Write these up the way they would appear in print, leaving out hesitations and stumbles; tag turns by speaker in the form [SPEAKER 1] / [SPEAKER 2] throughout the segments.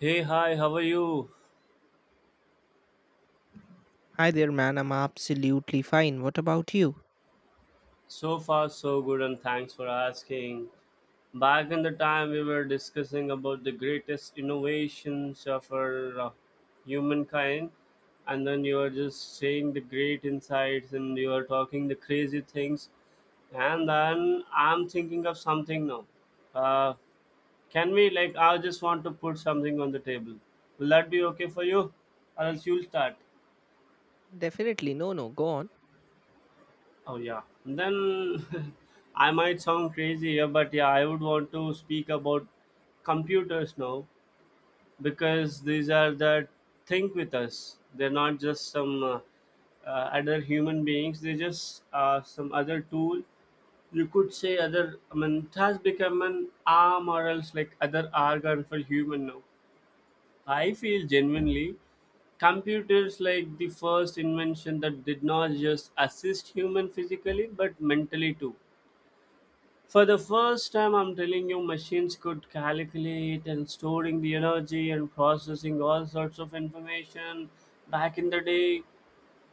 [SPEAKER 1] Hey, hi, how are you?
[SPEAKER 2] Hi there, man. I'm absolutely fine. What about you?
[SPEAKER 1] So far, so good, and thanks for asking. Back in the time, we were discussing about the greatest innovations of our humankind, and then you were just saying the great insights and you were talking the crazy things. And then I'm thinking of something now. Uh, can we, like, I just want to put something on the table. Will that be okay for you? Or else you'll start.
[SPEAKER 2] Definitely. No, no. Go on.
[SPEAKER 1] Oh yeah. Then I might sound crazy here, but yeah, I would want to speak about computers now because these are the think with us. They're not just some other human beings. They just some other tool. You could say other. I mean, it has become an arm or else like other organ for human now. I feel genuinely computers like the first invention that did not just assist human physically but mentally too. For the first time I'm telling you machines could calculate and storing the energy and processing all sorts of information back in the day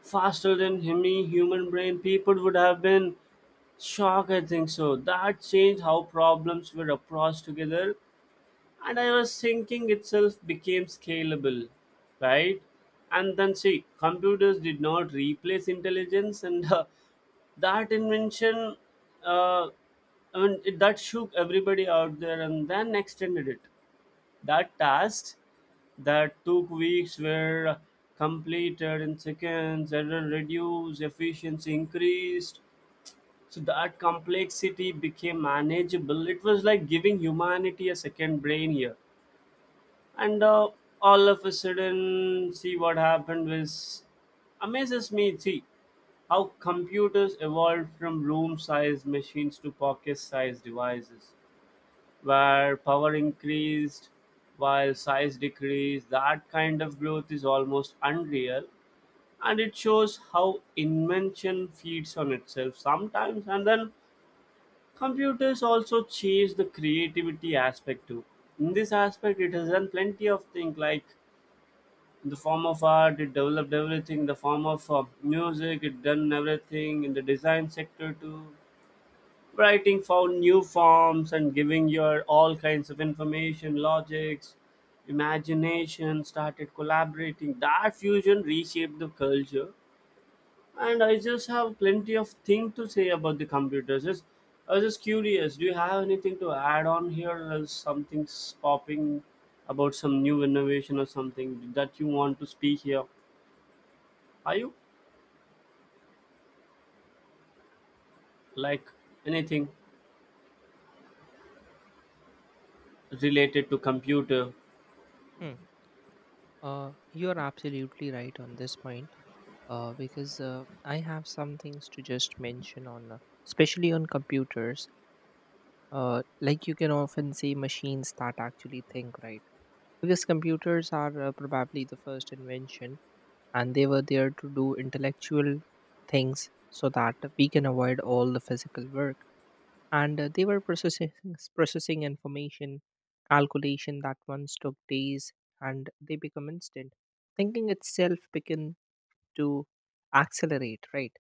[SPEAKER 1] faster than any human brain people would have been shocked I think so that changed how problems were approached together, and I was thinking itself became scalable, right? And then see computers did not replace intelligence and that invention, uh, I mean it, that shook everybody out there and then extended it, that task that took weeks were completed in seconds, error reduced, efficiency increased. So that complexity became manageable. It was like giving humanity a second brain here. And All of a sudden, see what happened was, amazes me, see how computers evolved from room sized machines to pocket sized devices where power increased while size decreased. That kind of growth is almost unreal, and it shows how invention feeds on itself sometimes. And then computers also change the creativity aspect too. In this aspect it has done plenty of things, like in the form of art it developed everything, in the form of music it done everything, in the design sector too. Writing found new forms and giving your all kinds of information logics. Imagination started collaborating. That fusion reshaped the culture. And I just have plenty of thing to say about the computers. Just, I was just curious, do you have anything to add on here or else something's popping about some new innovation or something that you want to speak here? Are you, like, anything related to computer?
[SPEAKER 2] Hmm. You're absolutely right on this point. Because I have some things to just mention on, especially on computers. Like you can often see machines that actually think, right? Because computers are probably the first invention, and they were there to do intellectual things so that we can avoid all the physical work, and they were processing information, calculation that once took days, and they become instant. Thinking itself began to accelerate, right?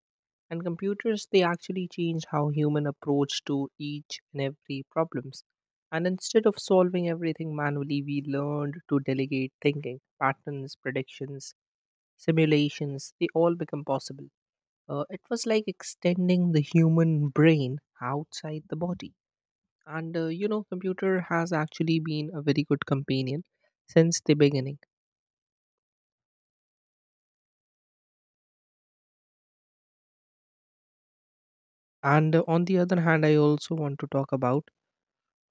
[SPEAKER 2] And computers, they actually changed how human approach to each and every problems, and instead of solving everything manually, we learned to delegate thinking patterns, predictions, simulations, they all become possible. It was like extending the human brain outside the body. And you know, computer has actually been a very good companion since the beginning. And on the other hand, I also want to talk about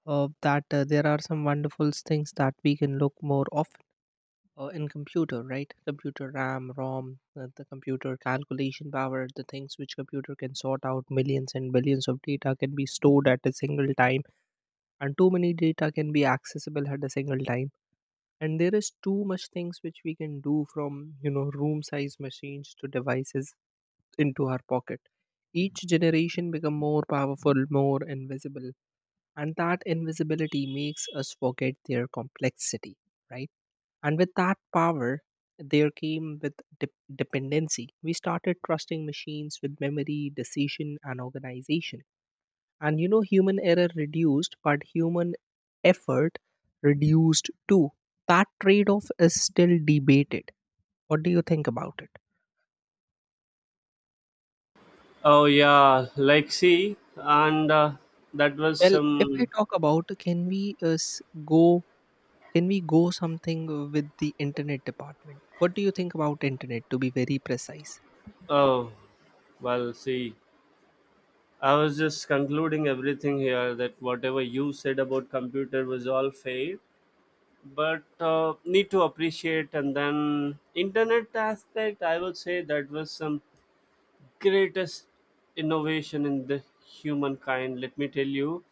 [SPEAKER 2] that there are some wonderful things that we can look more often in computer, right? Computer RAM, ROM, the computer calculation power, the things which computer can sort out millions and billions of data can be stored at a single time, and too many data can be accessible at a single time. And there is too much things which we can do, from you know room size machines to devices into our pocket. Each generation become more powerful, more invisible, and that invisibility makes us forget their complexity, right? And with that power, there came with de- dependency. We started trusting machines with memory, decision, and organization, and you know, human error reduced, but human effort reduced too. That trade off is still debated. What do you think about it?
[SPEAKER 1] Oh yeah, like see, and that was
[SPEAKER 2] Well, if I
[SPEAKER 1] some.
[SPEAKER 2] talk about, can we go, can we go something with the internet department? What do you think about internet, to be very precise?
[SPEAKER 1] Oh, well, see, I was just concluding everything here that whatever you said about computer was all fake, but need to appreciate. And then internet aspect, I would say that was some greatest innovation in the humankind. Let me tell you,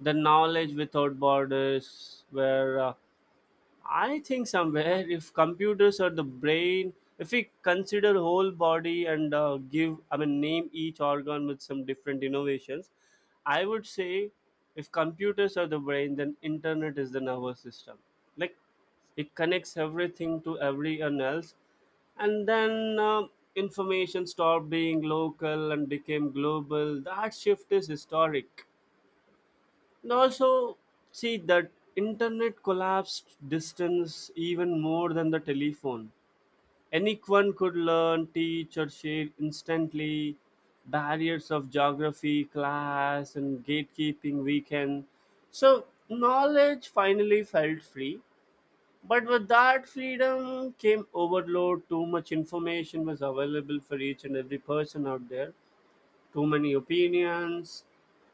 [SPEAKER 1] the knowledge without borders where I think somewhere if computers are the brain, if we consider whole body and give, I mean, name each organ with some different innovations, I would say if computers are the brain, then internet is the nervous system. Like it connects everything to everyone else, and then information stopped being local and became global. That shift is historic. And also, see that internet collapsed distance even more than the telephone. Anyone could learn, teach, or share instantly. Barriers of geography, class, and gatekeeping weakened. So, knowledge finally felt free. But with that freedom came overload. Too much information was available for each and every person out there. Too many opinions.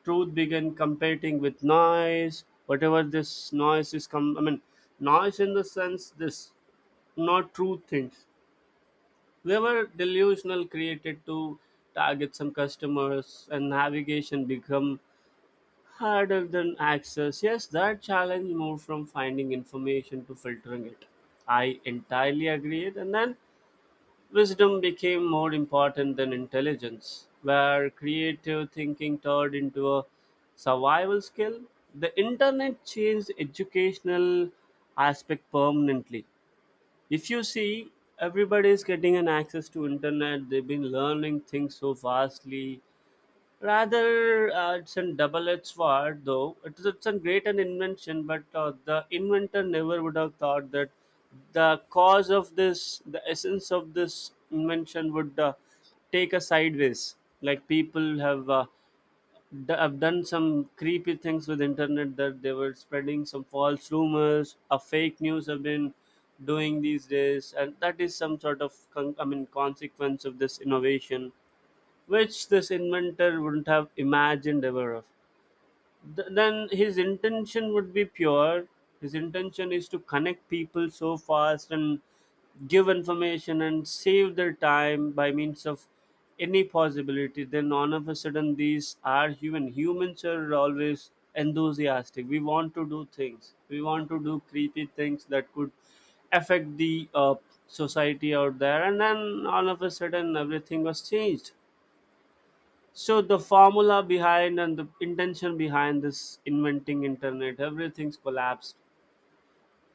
[SPEAKER 1] Truth began competing with noise. Whatever this noise is, I mean, noise in the sense this, not true things. They were delusional, created to target some customers, and navigation become harder than access. Yes, that challenge moved from finding information to filtering it. I entirely agree. And then wisdom became more important than intelligence, where creative thinking turned into a survival skill. The internet changed educational aspect permanently. If you see, everybody is getting an access to internet. They've been learning things so fastly. Rather, it's a double-edged sword, though. It is, it's a great an invention, but the inventor never would have thought that the cause of this, the essence of this invention would take a sideways. Like people have, have done some creepy things with internet, that they were spreading some false rumors, a fake news have been doing these days, and that is some sort of, I mean, consequence of this innovation which this inventor wouldn't have imagined ever of. Then his intention would be pure. His intention is to connect people so fast and give information and save their time by means of any possibility. Then all of a sudden, these are human. Humans are always enthusiastic. We want to do things. We want to do creepy things that could affect the society out there. And then all of a sudden, everything was changed. So the formula behind and the intention behind this inventing internet, everything's collapsed.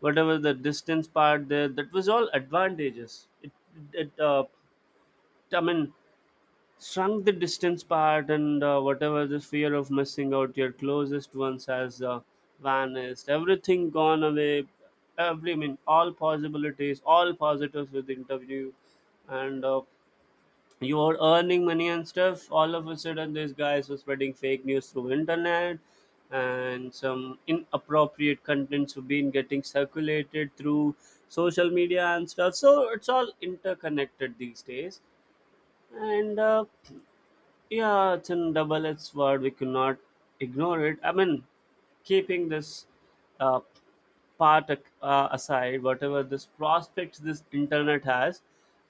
[SPEAKER 1] Whatever the distance part there, that was all advantages. It I mean, shrunk the distance part, and whatever the fear of missing out your closest ones has vanished. Everything gone away. Every, I mean, all possibilities, all positives with the interview, and you are earning money and stuff. All of a sudden these guys were spreading fake news through internet, and some inappropriate contents have been getting circulated through social media and stuff. So it's all interconnected these days. And Yeah, it's in double edged sword, we cannot ignore it. I mean, keeping this uh, part aside, whatever this prospects this internet has,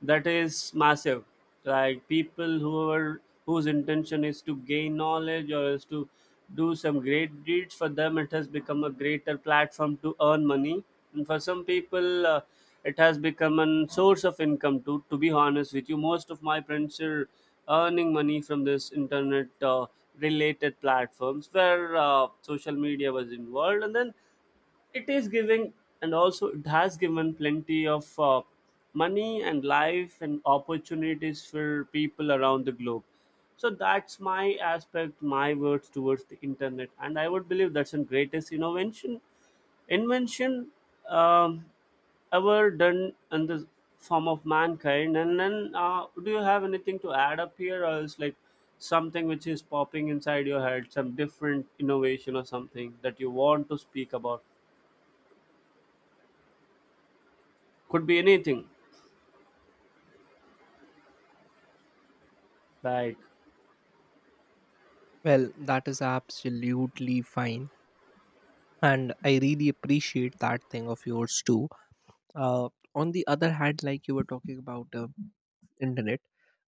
[SPEAKER 1] that is massive. Like people who are whose intention is to gain knowledge or is to do some great deeds for them, it has become a greater platform to earn money, and for some people. It has become a source of income. To be honest with you, most of my friends are earning money from this internet related platforms where social media was involved, and then it is giving. And also it has given plenty of money and life and opportunities for people around the globe. So that's my aspect, my words towards the internet, and I would believe that's the greatest innovation, invention, um, ever done in the form of mankind. And then do you have anything to add up here or is like something which is popping inside your head, some different innovation or something that you want to speak about? Could be anything. Like,
[SPEAKER 2] Well, that is absolutely fine, and I really appreciate that thing of yours too. uh, on the other hand, like you were talking about internet,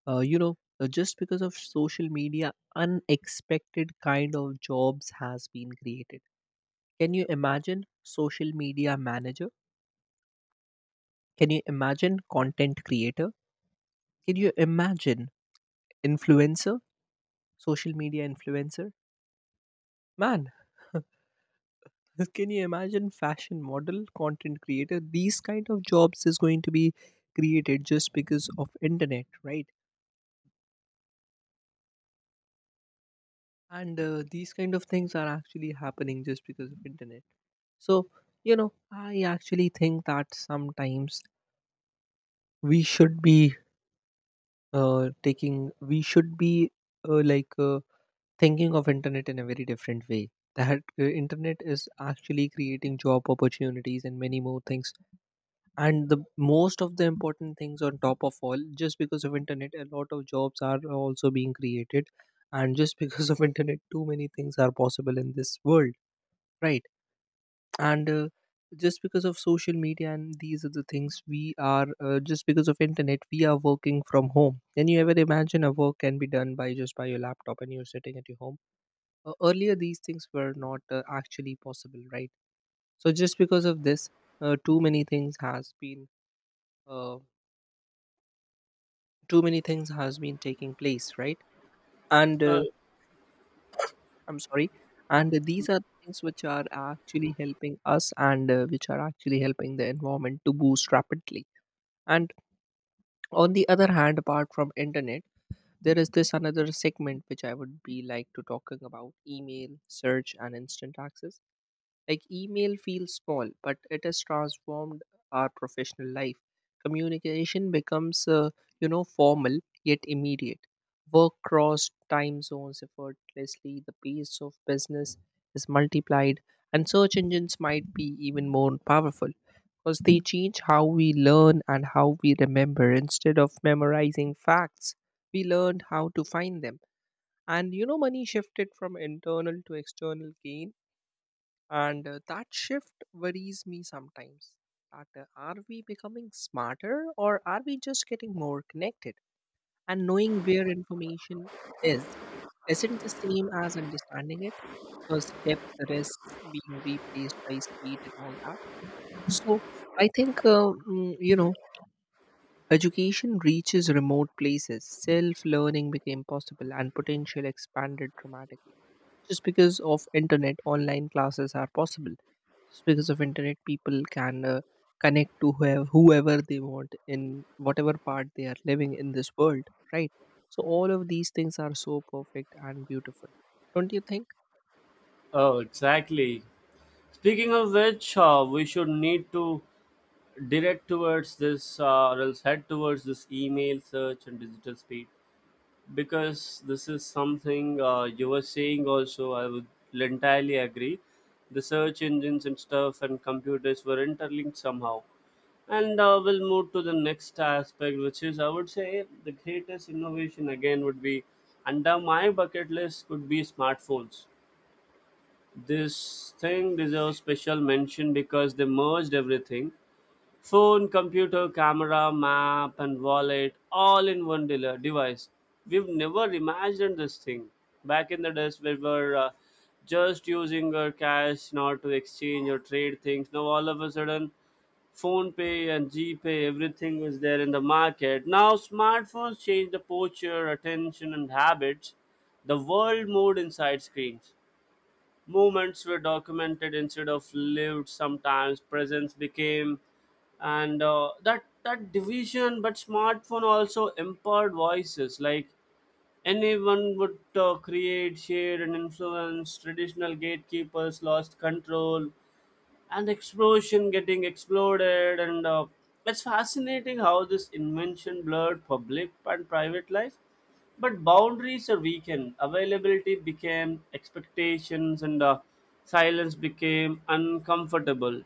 [SPEAKER 2] you know, just because of social media, unexpected kind of jobs has been created. Can you imagine social media manager? Can you imagine content creator? Can you imagine influencer, social media influencer, man? Can you imagine fashion model, content creator? These kind of jobs is going to be created just because of internet, right? And these kind of things are actually happening just because of internet. So you know, I actually think that sometimes we should be taking we should be like thinking of internet in a very different way. That internet is actually creating job opportunities and many more things, and the most of the important things on top of all, just because of internet, a lot of jobs are also being created. And just because of internet, too many things are possible in this world, right? And just because of social media, and these are the things we are just because of internet, we are working from home. Can you ever imagine a work can be done by just by your laptop and you're sitting at your home? Earlier these things were not actually possible, right? So just because of this, uh, too many things has been uh, too many things has been taking place, right? And
[SPEAKER 1] Uh,
[SPEAKER 2] I'm sorry. And these are the things which are actually helping us, and which are actually helping the environment to boost rapidly. And on the other hand, apart from internet, there is this another segment which I would be like to talking about: email, search, and instant access. Like email feels small, but it has transformed our professional life. Communication becomes, you know, formal yet immediate. Work cross time zones effortlessly. The pace of business is multiplied, and search engines might be even more powerful because they change how we learn and how we remember. Instead of memorizing facts, we learned how to find them. And you know, money shifted from internal to external gain, and that shift worries me sometimes, that are we becoming smarter or are we just getting more connected? And knowing where information is isn't the same as understanding it, because depth risks being replaced by speed and all that. So I think, you know, education reaches remote places, self learning became possible, and potential expanded dramatically. Just because of internet, online classes are possible. Just because of internet, people can connect to whoever they want in whatever part they are living in this world, right? So all of these things are so perfect and beautiful, don't you think?
[SPEAKER 1] oh, exactly. Speaking of which, we should need to direct towards this, or else head towards this email search and digital speed. Because this is something you were saying also, I would entirely agree. The search engines and stuff and computers were interlinked somehow, and we'll move to the next aspect, which is I would say the greatest innovation again would be under my bucket list, could be smartphones. This thing deserves special mention because they merged everything. Phone, computer, camera, map, and wallet all in one device. We've never imagined this thing. Back in the days, we were just using our cash not to exchange or trade things. Now, all of a sudden, phone pay and gpay, everything was there in the market now. Smartphones change the posture, attention and habits. The world moved inside screens. Movements were documented instead of lived sometimes. Presence became, and that that division, but smartphone also empowered voices, like anyone would create, share and influence. Traditional gatekeepers lost control and explosion getting exploded. And It's fascinating how this invention blurred public and private life, but boundaries are weakened, availability became expectations, and silence became uncomfortable.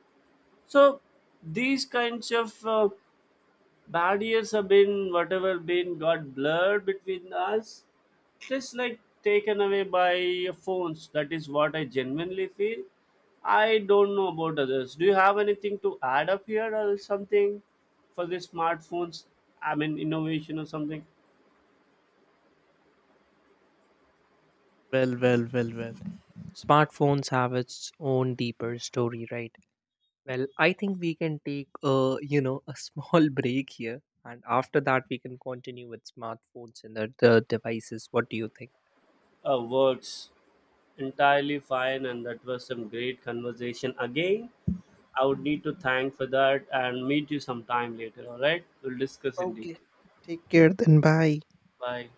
[SPEAKER 1] So these kinds of barriers have been whatever been got blurred between us, just like taken away by phones. That is what I genuinely feel. I don't know about others, do you have anything to add up here or something for the smartphones, I mean innovation or something?
[SPEAKER 2] Well, well, well, well, smartphones have its own deeper story, right? Well, I think we can take a you know a small break here, and after that we can continue with smartphones and other devices. What do you think?
[SPEAKER 1] Works entirely fine, and that was some great conversation again. I would need to thank for that and meet you sometime later. All right, we'll discuss in
[SPEAKER 2] Okay.
[SPEAKER 1] detail.
[SPEAKER 2] Take care then. Bye.
[SPEAKER 1] Bye.